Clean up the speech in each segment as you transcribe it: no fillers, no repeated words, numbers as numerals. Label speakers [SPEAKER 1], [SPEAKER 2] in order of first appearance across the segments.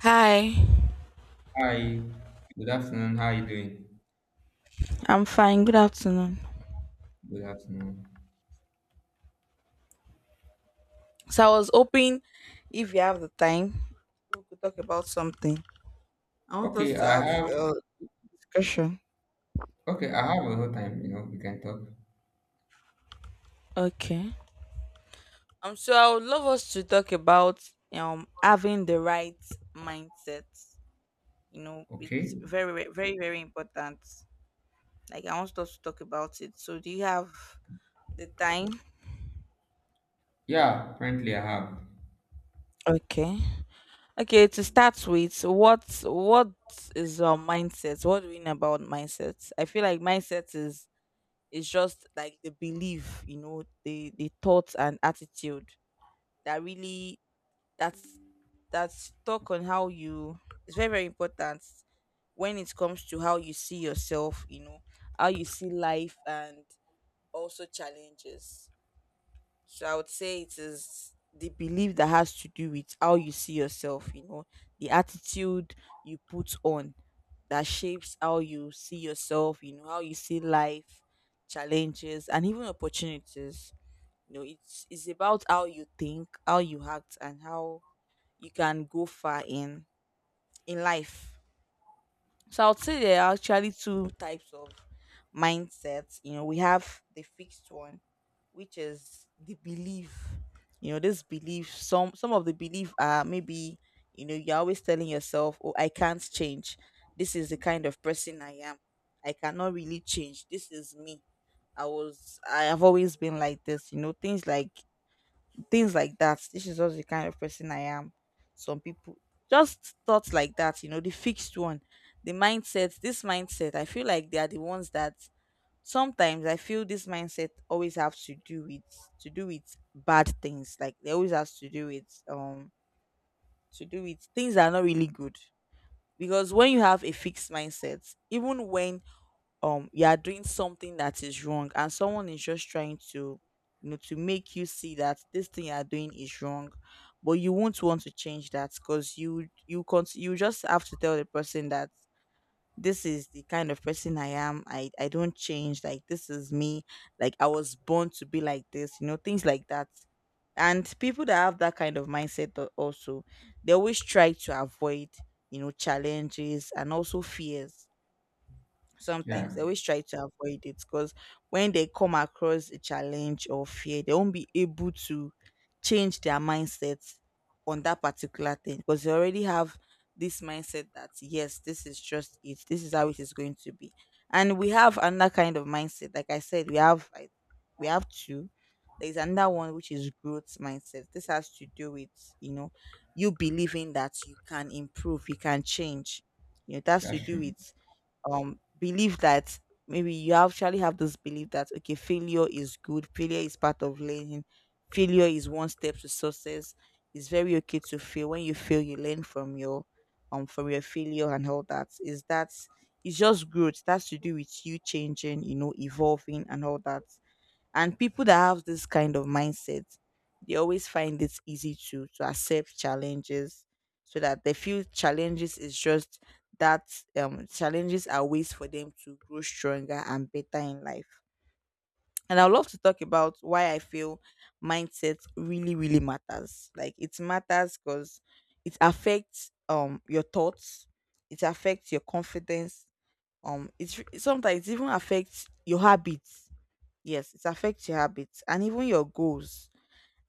[SPEAKER 1] Hi,
[SPEAKER 2] Hi, good afternoon. How are you doing?
[SPEAKER 1] I'm fine. Good afternoon.
[SPEAKER 2] Good afternoon.
[SPEAKER 1] So I was hoping if you have the time, we could talk about something. I want us
[SPEAKER 2] Okay,
[SPEAKER 1] to
[SPEAKER 2] I
[SPEAKER 1] have
[SPEAKER 2] have
[SPEAKER 1] a discussion.
[SPEAKER 2] okay, I have a whole time, you know, we can talk.
[SPEAKER 1] Okay. So I would love us to talk about having the right mindset. You know,
[SPEAKER 2] Okay.
[SPEAKER 1] it's very very very very important. Like I want us to talk about it. So do you have the time?
[SPEAKER 2] Yeah, currently I have.
[SPEAKER 1] Okay. Okay, to start with, what is our mindset? What do we know about mindset? I feel like mindset is just like the belief, the thoughts and attitude that really that's that's talk on how you, it's very very important when it comes to how you see yourself, how you see life and also challenges. So I would say it is the belief that has to do with how you see yourself, the attitude you put on that shapes how you see yourself, how you see life, challenges, and even opportunities. It's about how you think, how you act, and how you can go far in life. So I would say there are actually two types of mindsets. We have the fixed one, which is the belief. This belief, some of the belief are maybe, you're always telling yourself, oh, I can't change. This is the kind of person I am. I cannot really change. This is me. I have always been like this, things like that. This is just the kind of person I am. Some people just thoughts like that, the fixed one, the mindset, this mindset. I feel like they are the ones that sometimes, I feel this mindset always have to do with bad things. Like they always has to do with things that are not really good. Because when you have a fixed mindset, even when you are doing something that is wrong and someone is just trying to, to make you see that this thing you are doing is wrong, but you won't want to change that because you can't, you just have to tell the person that this is the kind of person I am, I don't change, like this is me, like I was born to be like this, things like that. And people that have that kind of mindset, also, they always try to avoid, challenges and also fears.
[SPEAKER 2] Yeah,
[SPEAKER 1] Sometimes they always try to avoid it because when they come across a challenge or fear, they won't be able to change their mindset on that particular thing because they already have this mindset that yes, this is just it, this is how it is going to be. And we have another kind of mindset, like I said, we have two. There's another one, which is growth mindset. This has to do with, you know you believing that you can improve, you can change. It has to
[SPEAKER 2] that's
[SPEAKER 1] do
[SPEAKER 2] true.
[SPEAKER 1] with believe that, maybe you actually have this belief that okay, failure is good, failure is part of learning, failure is one step to success, it's very okay to fail. When you fail, you learn from your failure, and all that is that, it's just growth, that's to do with you changing, evolving, and all that. And people that have this kind of mindset, they always find it easy to accept challenges, so that they feel challenges is just that, challenges are ways for them to grow stronger and better in life. And I'd love to talk about why I feel mindset really, really matters. Like it matters because it affects your thoughts, it affects your confidence, it's sometimes it even affects your habits. Yes, it affects your habits and even your goals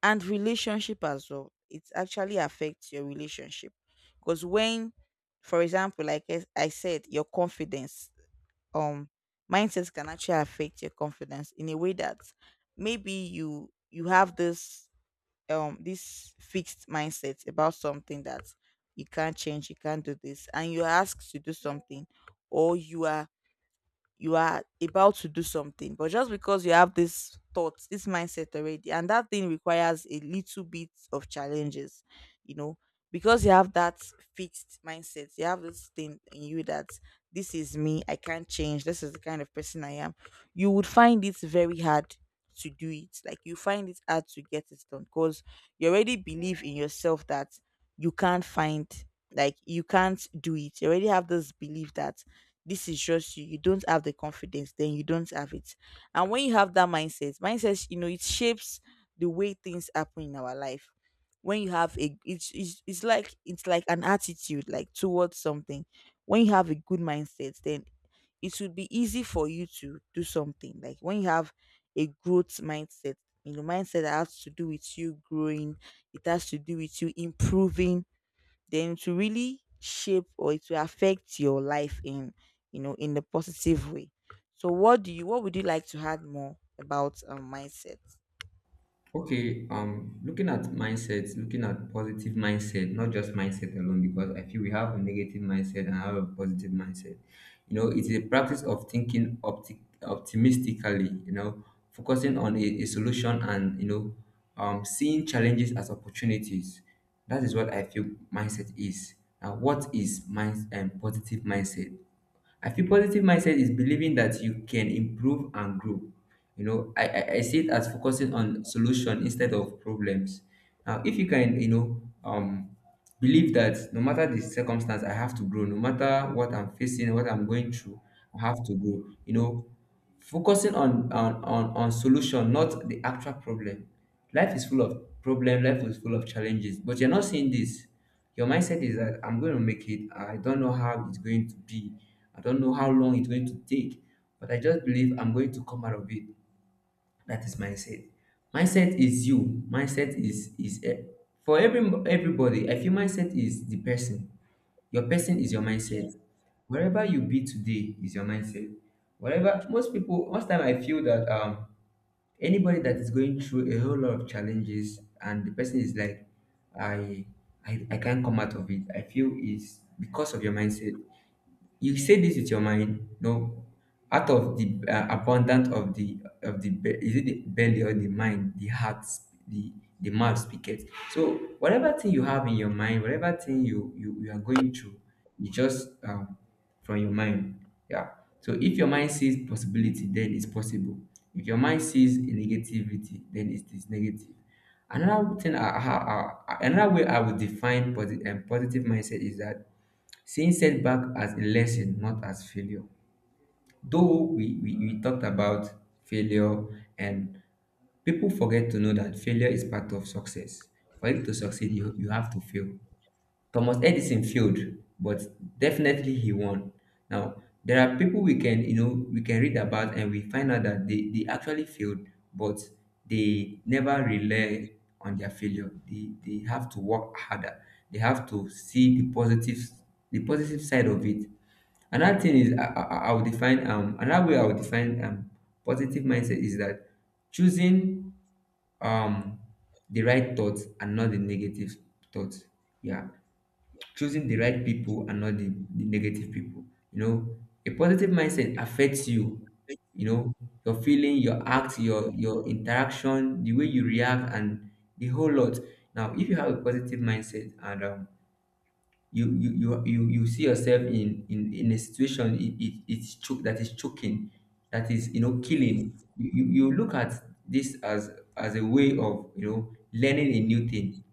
[SPEAKER 1] and relationship as well. It actually affects your relationship because when, for example, like I said, your confidence, um, mindsets can actually affect your confidence in a way that, maybe you have this fixed mindset about something, that you can't change, you can't do this, and you ask to do something, or you are about to do something but just because you have this thought, this mindset already, and that thing requires a little bit of challenges, you know because you have that fixed mindset, you have this thing in you that this is me, I can't change, this is the kind of person I am, you would find it very hard to do it. Like you find it hard to get it done because you already believe in yourself that you can't find like you can't do it, you already have this belief that this is just You don't have the confidence, then you don't have it. And when you have that mindset, it shapes the way things happen in our life. When you have a it's like an attitude, like towards something. When you have a good mindset, then it will be easy for you to do something, like when you have a growth mindset you know mindset that has to do with you growing, it has to do with you improving, then to really shape, or it will affect your life in, in the positive way. So what would you like to add more about, mindset?
[SPEAKER 2] Okay, looking at mindsets, looking at positive mindset, not just mindset alone, because I feel we have a negative mindset and I have a positive mindset. You know, it's a practice of thinking optimistically, you know, focusing on a solution and, seeing challenges as opportunities. That is what I feel mindset is. Now, what is mind and positive mindset? I feel positive mindset is believing that you can improve and grow. You know, I see it as focusing on solution instead of problems. Now, if you can, believe that no matter the circumstance, I have to grow. No matter what I'm facing, what I'm going through, I have to grow. You know, focusing on solution, not the actual problem. Life is full of problem. Life is full of challenges, but you're not seeing this. Your mindset is that I'm going to make it. I don't know how it's going to be. I don't know how long it's going to take, but I just believe I'm going to come out of it. That is mindset. Mindset is you. Mindset for everybody, I feel mindset is the person. Your person is your mindset.
[SPEAKER 1] Yes.
[SPEAKER 2] Wherever you be today is your mindset. Whatever most people, most time, I feel that anybody that is going through a whole lot of challenges and the person is like, I I can't come out of it. I feel is because of your mindset. You say this with your mind. No, out of the abundance of the, is it the belly or the mind, the heart, the mouth speaketh. So whatever thing you have in your mind, whatever thing you are going through, you just from your mind. Yeah. So if your mind sees possibility, then it's possible. If your mind sees negativity, then it is negative. Another thing, another way I would define positive mindset is that seeing setback as a lesson, not as failure. Though we talked about failure, and people forget to know that failure is part of success. For you to succeed, you have to fail. Thomas Edison failed, but definitely he won. Now, there are people we can, you know, we can read about, and we find out that they actually failed, but they never rely on their failure. They have to work harder. They have to see the positive side of it. Another thing is I would define another way I would define positive mindset is that choosing um the right thoughts and not the negative thoughts. Yeah, choosing the right people and not the negative people. You know, a positive mindset affects you, you know, your feeling, your act, your interaction, the way you react, and the whole lot. Now, if you have a positive mindset, and you see yourself in a situation, that is choking, that is killing.
[SPEAKER 1] Yes.
[SPEAKER 2] You look at this as a way of learning a new thing.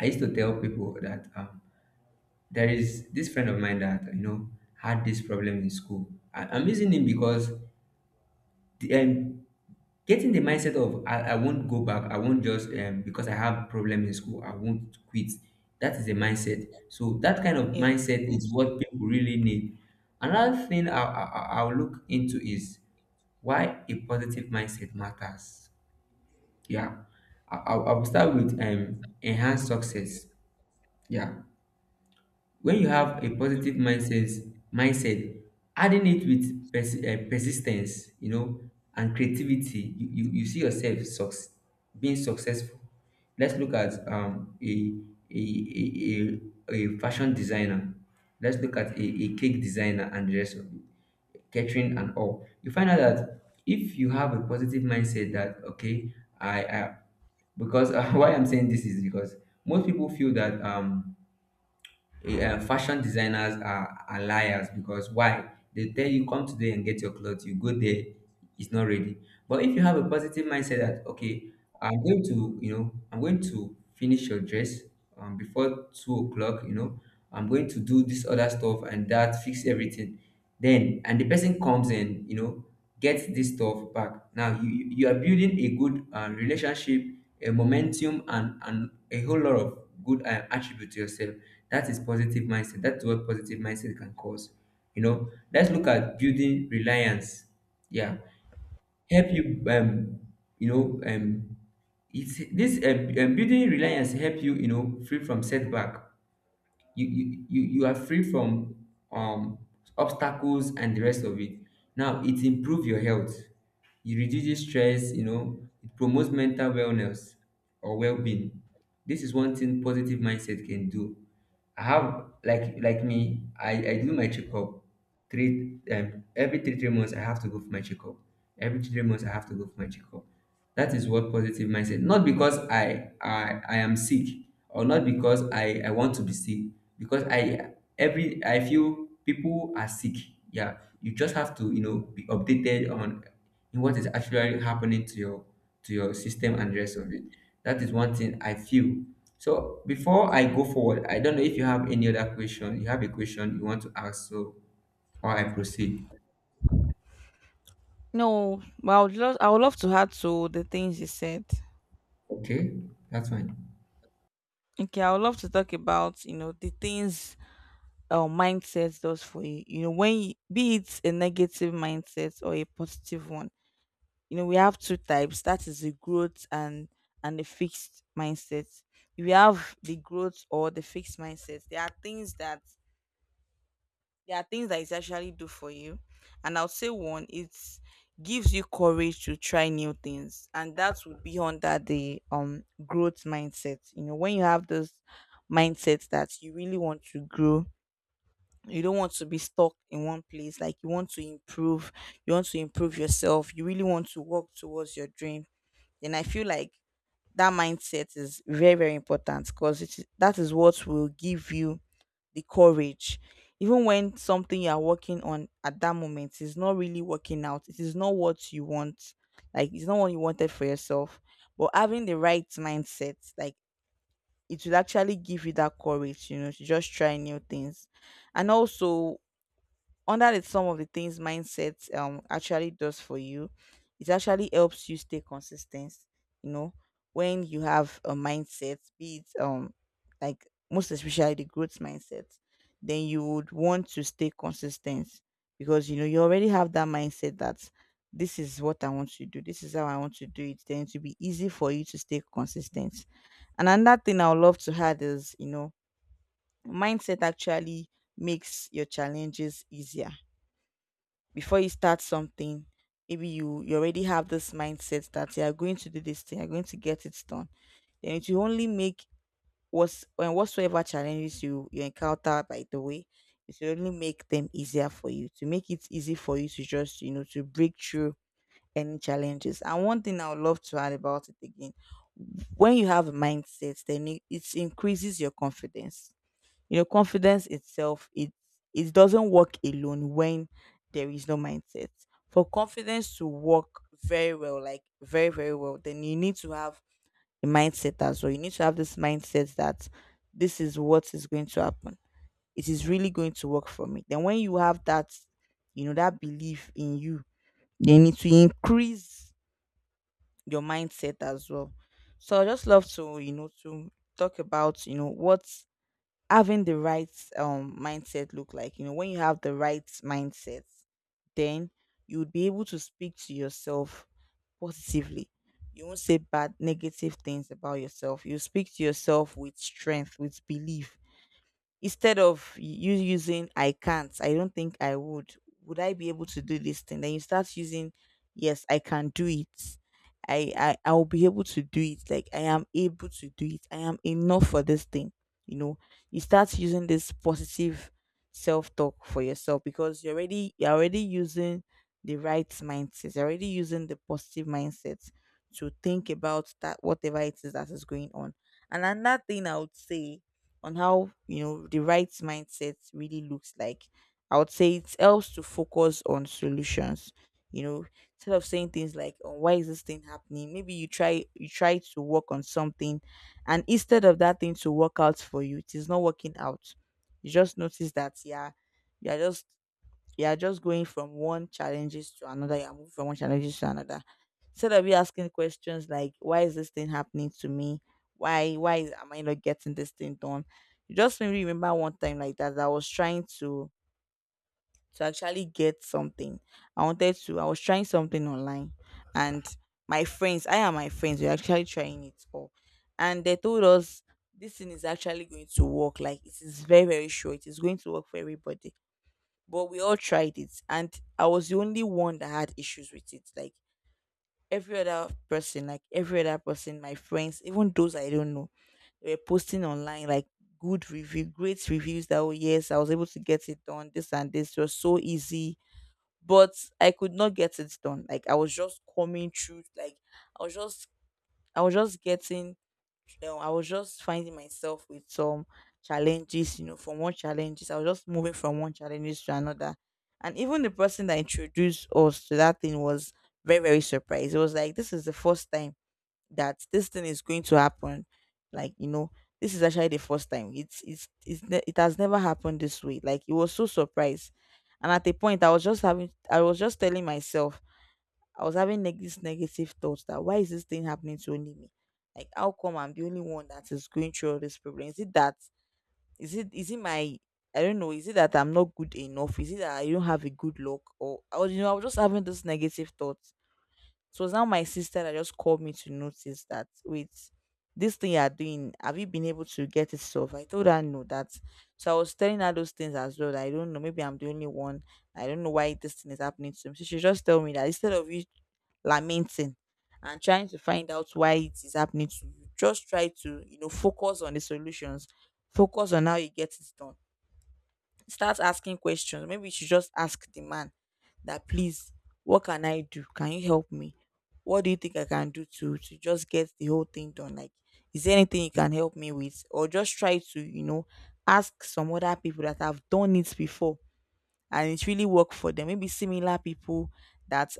[SPEAKER 2] I used to tell people that there is this friend of mine that had this problem in school. I'm using him because the, um, getting the mindset of I won't go back, I won't just because I have problem in school, I won't quit. That is a mindset. So that kind of
[SPEAKER 1] Yes.
[SPEAKER 2] mindset is
[SPEAKER 1] Yes.
[SPEAKER 2] what people really need. Another thing I'll look into is why a positive mindset matters. Yeah, I will start with enhanced success. Yeah, when you have a positive mindset, adding it with persistence, you know, and creativity, you see yourself being successful. Let's look at a, a, a a fashion designer. Let's look at a cake designer, and the rest of it, catering and all. You find out that if you have a positive mindset that okay, I because why I'm saying this is because most people feel that yeah, fashion designers are liars. Because why? They tell you come today and get your clothes. You go there, it's not ready. But if you have a positive mindset that okay, I'm going to finish your dress before 2 o'clock. You know, I'm going to do this other stuff and that fix everything. Then and the person comes and gets this stuff back. Now you are building a good relationship, a momentum, and a whole lot of good attribute to yourself. That is positive mindset. That's what positive mindset can cause. You know, let's look at building reliance. Yeah, help you. You know, it's this building reliance help you. You know, free from setback. You are free from um obstacles and the rest of it. Now it improve your health. It reduces stress, you know, it promotes mental wellness or well-being. This is one thing positive mindset can do. I have me, I do my checkup three every three months I have to go for my checkup. Every 3 months I have to go for my checkup. That is what positive mindset. Not because I am sick, or not because I want to be sick. Because I feel people are sick. Yeah. You just have to, be updated on in what is actually happening to your system and the rest of it. That is one thing I feel. So before I go forward, I don't know if you have any other question. You have a question you want to ask, so or I proceed.
[SPEAKER 1] No, but I would love to add to the things you said.
[SPEAKER 2] Okay, that's fine.
[SPEAKER 1] Okay, I would love to talk about, the things mindset does for you. You know When you, be it a negative mindset or a positive one, we have two types, that is the growth and the fixed mindset. If we have the growth or the fixed mindset, there are things that it actually do for you. And I'll say one, it gives you courage to try new things, and that would be under the growth mindset. When you have this mindset that you really want to grow, you don't want to be stuck in one place, like you want to improve yourself, you really want to work towards your dream, then I feel like that mindset is very, very important because that is what will give you the courage. Even when something you are working on at that moment is not really working out, it is not what you want, like it's not what you wanted for yourself. But having the right mindset, like, it will actually give you that courage to just try new things. And also, under it, some of the things mindset actually does for you, it actually helps you stay consistent. You know when you have a mindset, be it like most especially the growth mindset, then you would want to stay consistent because, you already have that mindset that this is what I want to do, this is how I want to do it, then it will be easy for you to stay consistent. And another thing I would love to add is, mindset actually makes your challenges easier. Before you start something, maybe you already have this mindset that you are going to do this thing, you're going to get it done, then it will only make, what's and whatsoever challenges you encounter by the way, it will only make them easier for you, to make it easy for you to just, to break through any challenges. And one thing I would love to add about it again, when you have a mindset, then it increases your confidence. Confidence itself, it doesn't work alone when there is no mindset. For confidence to work very well, like very, very well, then you need to have a mindset as well. You need to have this mindset that this is what is going to happen. It is really going to work for me. Then when you have that belief in you, you need to increase your mindset as well. So I just love to talk about, what having the right mindset look like. When you have the right mindset, then you would be able to speak to yourself positively, you won't say bad, negative things about yourself, you speak to yourself with strength, with belief. Instead of you using I can't, I don't think would I be able to do this thing? Then you start using, yes, I can do it. I'll be able to do it. Like I am able to do it. I am enough for this thing. You know, you start using this positive self talk for yourself because you're already using the right mindset. You're already using the positive mindset to think about that whatever it is that is going on. And another thing I would say on how you know the right mindset really looks like, I would say it helps to focus on solutions, you know, instead of saying things like, oh, why is this thing happening? Maybe you try to work on something, and instead of that thing to work out for you, it is not working out. You just notice that, yeah, you're just you're just going from one challenges to another. You're moving from one challenges to another instead of you asking questions like, why is this thing happening to me? Why am I not getting this thing done? You just made me remember one time like that, that I was trying to actually get something. I wanted to, I was trying something online, and my friends, we were actually trying it all, and they told us this thing is actually going to work, like it is very very sure it is going to work for everybody. But we all tried it, and I was the only one that had issues with it. Like every other person, my friends, even those I don't know, they were posting online like good review, great reviews, that, oh, yes, I was able to get it done, this and this. It was so easy. But I could not get it done. Like I was just coming through, like I was just I was just getting, you know, I was just finding myself with some challenges, you know, from one challenges. I was just moving from one challenges to another. And even the person that introduced us to that thing was very, very surprised. It was like, this is the first time that this thing is going to happen, like, you know, this is actually the first time it has never happened this way. Like it was so surprised. And at a point I was just having, I was just telling myself, I was having these negative thoughts that, why is this thing happening to only me? Like, how come I'm the only one that is going through all this problem? Is it that, is it my, I don't know, is it that I'm not good enough, is it that I don't have a good luck? Or I was, you know, I was just having this negative thought. So it's now my sister that just called me to notice that, wait, this thing you are doing, have you been able to get it solved? I told her no, that, so I was telling her those things as well, that I don't know, maybe I'm the only one. I don't know why this thing is happening to me. So she just told me that instead of you lamenting and trying to find out why it is happening to you, just try to, you know, focus on the solutions, focus on how you get it done. Start asking questions. Maybe you should just ask the man that, please, what can I do? Can you help me? What do you think I can do to just get the whole thing done? Like, is there anything you can help me with? Or just try to, you know, ask some other people that have done it before and it really worked for them. Maybe similar people that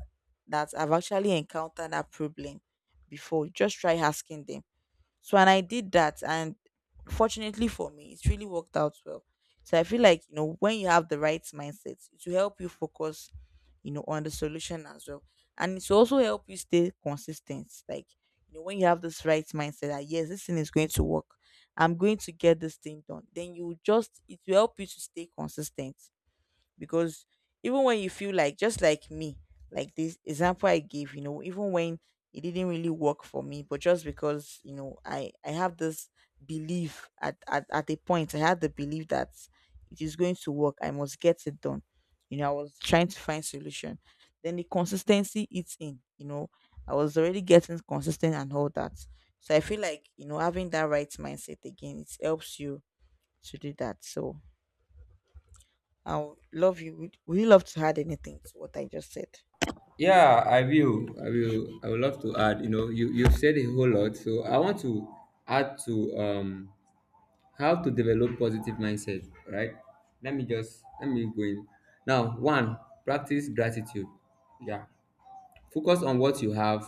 [SPEAKER 1] have actually encountered that problem before. Just try asking them. So, and I did that, and fortunately for me it's really worked out well. So I feel like, you know, when you have the right mindset it will help you focus, you know, on the solution as well. And it will also help you stay consistent. Like, you know, when you have this right mindset that, yes, this thing is going to work, I'm going to get this thing done, then you just, it will help you to stay consistent, because even when you feel like, just like me, like this example I gave, you know, even when it didn't really work for me, but just because, you know, I have this belief at a point, I had the belief that it is going to work, I must get it done. You know, I was trying to find solution, then the consistency eats in, you know, I was already getting consistent and all that. So I feel like, you know, having that right mindset again, it helps you to do that. So I would love you. Would you love to add anything to what I just said?
[SPEAKER 2] Yeah, I will. I would love to add. You know, you've said a whole lot, so I want to add to how to develop positive mindset. Right? Let me go in. Now, one, practice gratitude. Yeah, focus on what you have,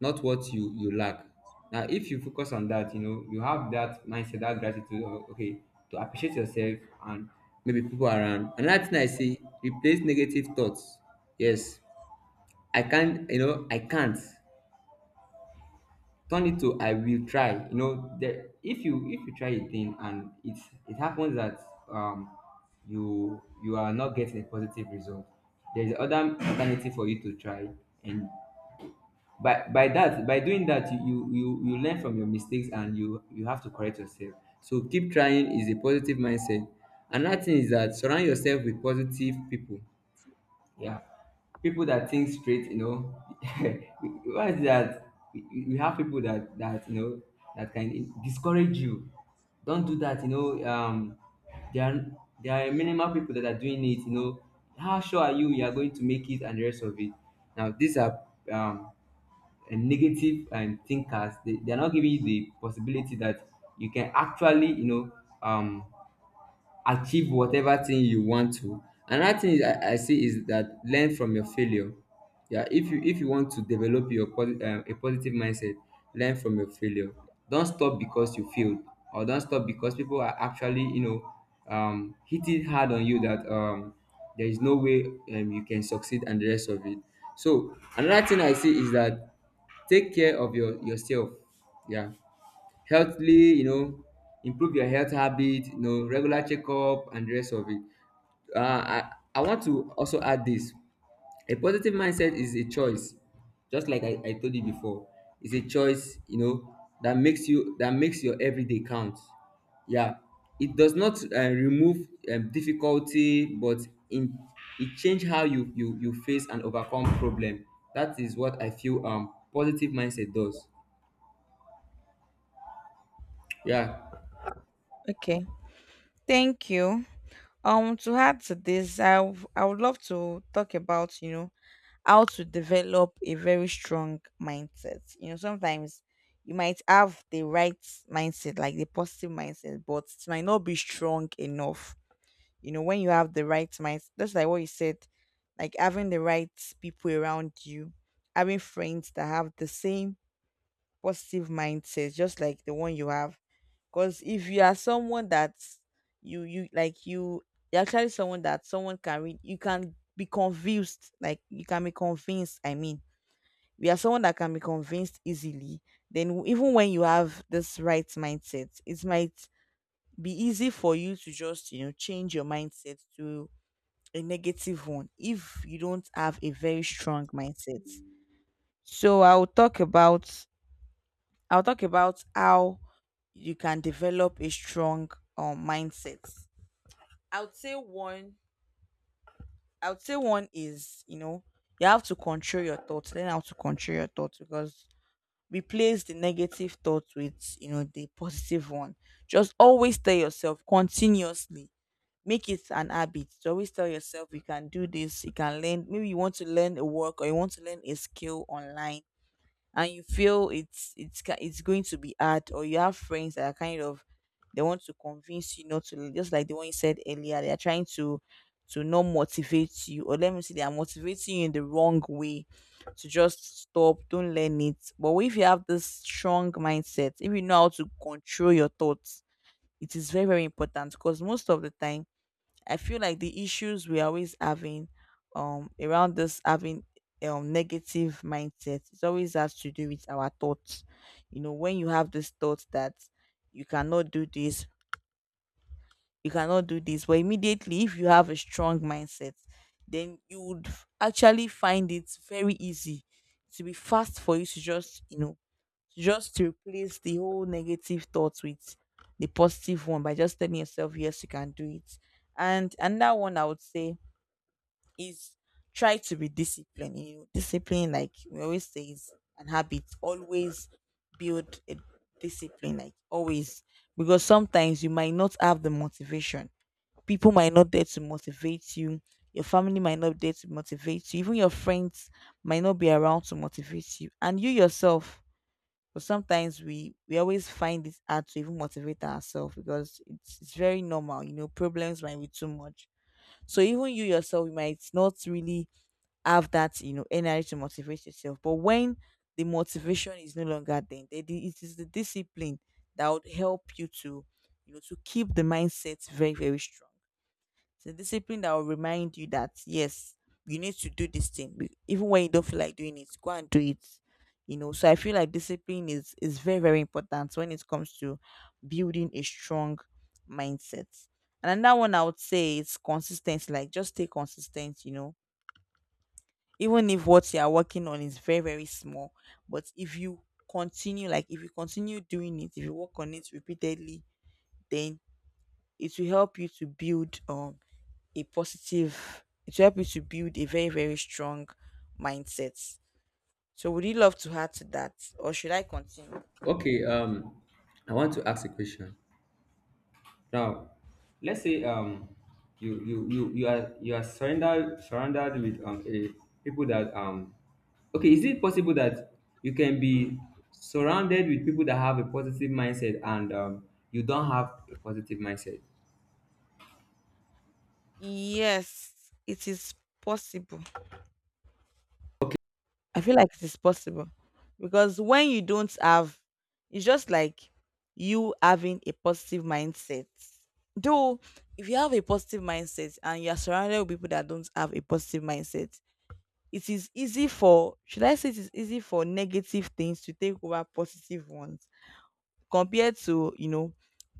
[SPEAKER 2] not what you lack. Now, if you focus on that, you know, you have that mindset, that gratitude, or, okay, to appreciate yourself and maybe people around. Another thing I see, replace negative thoughts. Yes, I can't, you know, I can't. Turn it to I will try. You know, if you try a thing and it happens that um you are not getting a positive result, there's other alternative for you to try, and by doing that, you learn from your mistakes, and you have to correct yourself. So keep trying is a positive mindset. Another thing is that surround yourself with positive people. Yeah, people that think straight, you know. Why is that? We have people that that can discourage you. Don't do that. There are there are minimal people that are doing it. You know, how sure are you are going to make it, and the rest of it. Now these are um and negative thinkers. They're not giving you the possibility that you can actually um achieve whatever thing you want to. Another thing is I see is that learn from your failure. Yeah, if you want to develop your a positive mindset, learn from your failure. Don't stop because you failed, or don't stop because people are actually hitting hard on you that there is no way you can succeed, and the rest of it. So another thing I see is that take care of yourself. Yeah, healthily, you know, improve your health habit, you know, regular checkup and the rest of it. I want to also add this. A positive mindset is a choice, just like I told you before. It's a choice, you know, that makes your everyday count. Yeah, it does not remove difficulty, but in it change how you face and overcome problem. That is what I feel positive mindset does. Yeah.
[SPEAKER 1] Okay, thank you. To add to this, I would love to talk about, you know, how to develop a very strong mindset. You know, sometimes you might have the right mindset, like the positive mindset, but it might not be strong enough. You know, when you have the right mindset, just like what you said, like having the right people around you, having friends that have the same positive mindset, just like the one you have. Because if you are someone that you you like you you're actually someone that someone can read, you can be convinced. Like you can be convinced. I mean, we are someone that can be convinced easily, then even when you have this right mindset, it might be easy for you to just, you know, change your mindset to a negative one if you don't have a very strong mindset. So I'll talk about how you can develop a strong mindset. I would say one. I would say one is, you know, you have to control your thoughts. Learn how to control your thoughts because replace the negative thoughts with, you know, the positive one. Just always tell yourself continuously, make it an habit to always tell yourself you can do this, you can learn, maybe you want to learn a work or you want to learn a skill online, and you feel it's going to be hard, or you have friends that are kind of, they want to convince you not to, just like the one you said earlier, they are trying to not motivate you, or let me say they are motivating you in the wrong way to just stop, don't learn it. But if you have this strong mindset, if you know how to control your thoughts, it is very very important because most of the time I feel like the issues we're always having around this having negative mindset, it always has to do with our thoughts. You know, when you have this thought that you cannot do this, but immediately if you have a strong mindset, then you would actually find it very easy to be fast for you to just, you know, just to replace the whole negative thoughts with the positive one by just telling yourself, yes, you can do it. And another one I would say is try to be disciplined. You know, discipline, like we always say, is an habit. Always build a discipline, like always, because sometimes you might not have the motivation. People might not there to motivate you. Your family might not there to motivate you. Even your friends might not be around to motivate you. And you yourself, but sometimes we always find it hard to even motivate ourselves because it's very normal. You know, problems might be too much. So even you yourself, you might not really have that, you know, energy to motivate yourself. But when the motivation is no longer there, it is the discipline that would help you to, you know, to keep the mindset very very strong. It's the discipline that will remind you that, yes, you need to do this thing. Even when you don't feel like doing it, go and do it. You know, so I feel like discipline is very very important when it comes to building a strong mindset. And another one I would say is consistency. Like, just stay consistent, you know, even if what you are working on is very very small. But if you continue, like if you continue doing it, if you work on it repeatedly, then it will help you to build, a positive, it will help you to build a very very strong mindset. So would you love to add to that, or should I continue?
[SPEAKER 2] Okay, I want to ask a question. Now, let's say you are surrendered surrounded with a people that okay, is it possible that you can be surrounded with people that have a positive mindset, and you don't have a positive mindset?
[SPEAKER 1] Yes, it is possible. I feel like it is possible, because when you don't have, it's just like you having a positive mindset. Though, if you have a positive mindset and you are surrounded with people that don't have a positive mindset, it is easy for, should I say, it is easy for negative things to take over positive ones compared to, you know,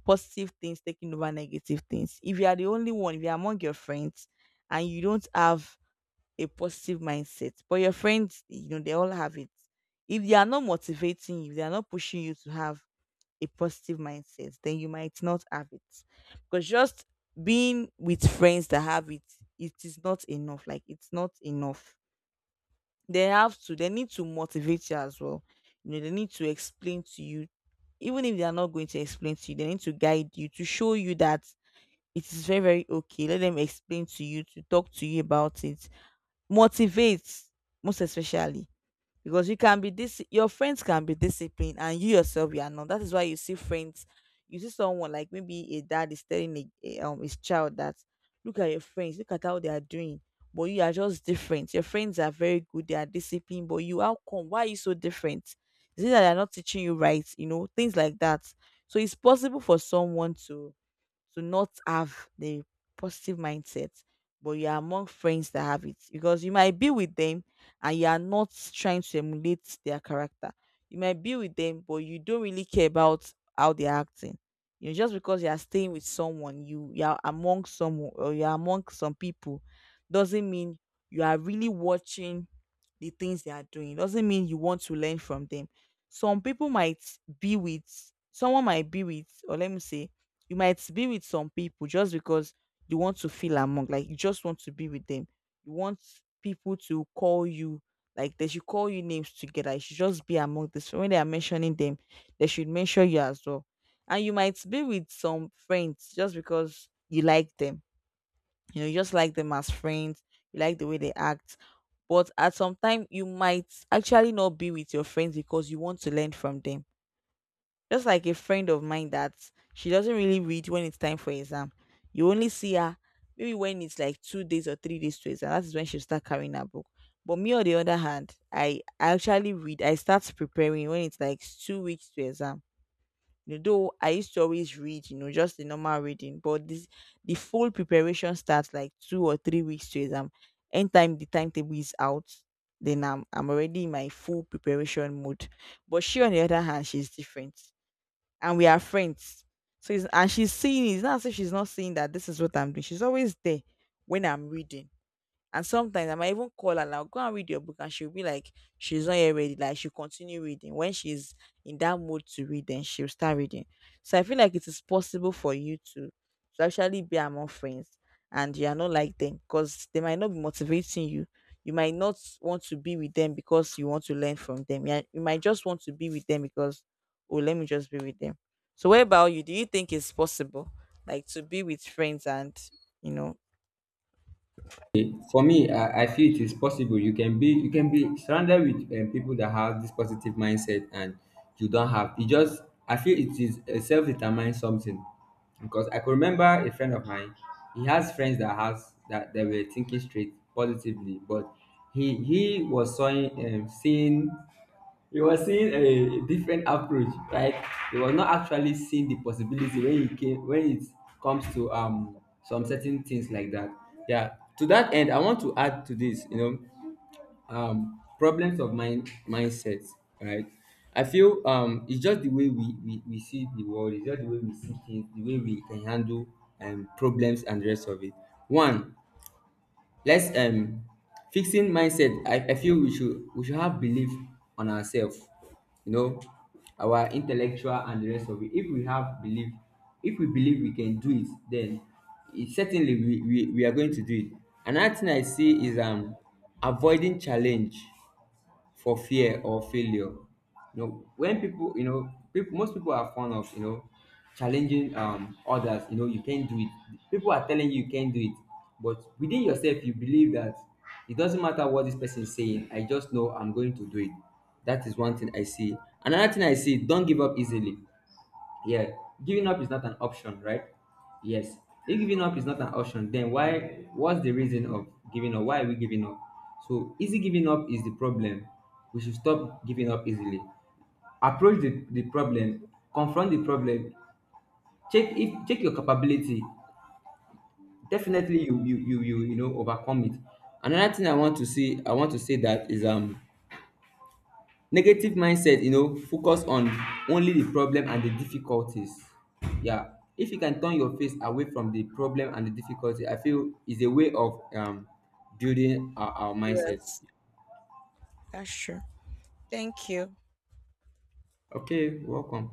[SPEAKER 1] positive things taking over negative things. If you are the only one, if you're among your friends and you don't have a positive mindset. But your friends, you know, they all have it. If they are not motivating you, they are not pushing you to have a positive mindset, then you might not have it. Because just being with friends that have it, it is not enough. Like it's not enough. They have to, they need to motivate you as well. You know, they need to explain to you, even if they are not going to explain to you, they need to guide you to show you that it is very, very okay. Let them explain to you, to talk to you about it, motivate, most especially, because you can be, this your friends can be disciplined and you yourself you are not. That is why you see friends, you see someone like maybe a dad is telling a his child that, look at your friends, look at how they are doing, but you are just different. Your friends are very good, they are disciplined, but you, how come, why are you so different? Is it that they are not teaching you right? You know, things like that. So it's possible for someone to not have the positive mindset, but you are among friends that have it, because you might be with them and you are not trying to emulate their character. You might be with them, but you don't really care about how they're acting. You know, just because you are staying with someone, you are among someone or you are among some people, doesn't mean you are really watching the things they are doing, doesn't mean you want to learn from them. Some people might be with, someone might be with, or let me say, you might be with some people just because you want to feel among, like you just want to be with them. You want people to call you, like they should call you names together, you should just be among this, when they are mentioning them, they should mention you as well. And you might be with some friends just because you like them. You know, you just like them as friends, you like the way they act. But at some time you might actually not be with your friends because you want to learn from them. Just like a friend of mine that, she doesn't really read when it's time for exam. You only see her maybe when it's like 2 days or 3 days to exam, that is when she'll start carrying her book. But me on the other hand, I actually read, I start preparing when it's like 2 weeks to exam. You know, though I used to always read, you know, just the normal reading, but this, the full preparation starts like 2 or 3 weeks to exam. Anytime the timetable is out, then I'm already in my full preparation mode. But she on the other hand, she's different. And we are friends. So it's, and she's seeing it. It's not as if she's not seeing that this is what I'm doing. She's always there when I'm reading, and sometimes I might even call her now, go and read your book, and she'll be like, she's not yet ready. Like she'll continue reading. When she's in that mood to read, then she'll start reading. So I feel like it is possible for you to actually be among friends and you are not like them because they might not be motivating you. You might not want to be with them because you want to learn from them. Yeah, you might just want to be with them because, oh, let me just be with them. So what about you? Do you think it's possible, like to be with friends and, you know?
[SPEAKER 2] Okay, for me, I feel it is possible. You can be surrounded with people that have this positive mindset, and you don't have. It just I feel it is self determined something, because I could remember a friend of mine. He has friends that has that they were thinking straight positively, but he he was seeing um, seeing he was seeing a different approach, right? He was not actually seeing the possibility when he came when it comes to some certain things like that. Yeah. To that end, I want to add to this, you know, problems of mindset, right? I feel it's just the way we see the world, it's just the way we see things, the way we can handle problems and the rest of it. One, Let's fixing mindset. I feel we should have belief on ourselves, you know, our intellectual and the rest of it. If we have belief, if we believe we can do it, then certainly we are going to do it. Another thing I see is avoiding challenge for fear or failure. You know, when people, you know, people, most people are fond of, you know, challenging others. You know, you can't do it. People are telling you you can't do it, but within yourself you believe that it doesn't matter what this person is saying. I just know I'm going to do it. That is one thing I see. Another thing I see: don't give up easily. Yeah, giving up is not an option, right? Yes. If giving up is not an option, then why? What's the reason of giving up? Why are we giving up? So easy giving up is the problem. We should stop giving up easily. Approach the problem, confront the problem, check if check your capability. Definitely overcome it. Another thing I want to say that is negative mindset, you know, focus on only the problem and the difficulties. Yeah, if you can turn your face away from the problem and the difficulty, I feel is a way of building our mindset.
[SPEAKER 1] Yes, that's true. Thank you.
[SPEAKER 2] Okay, welcome.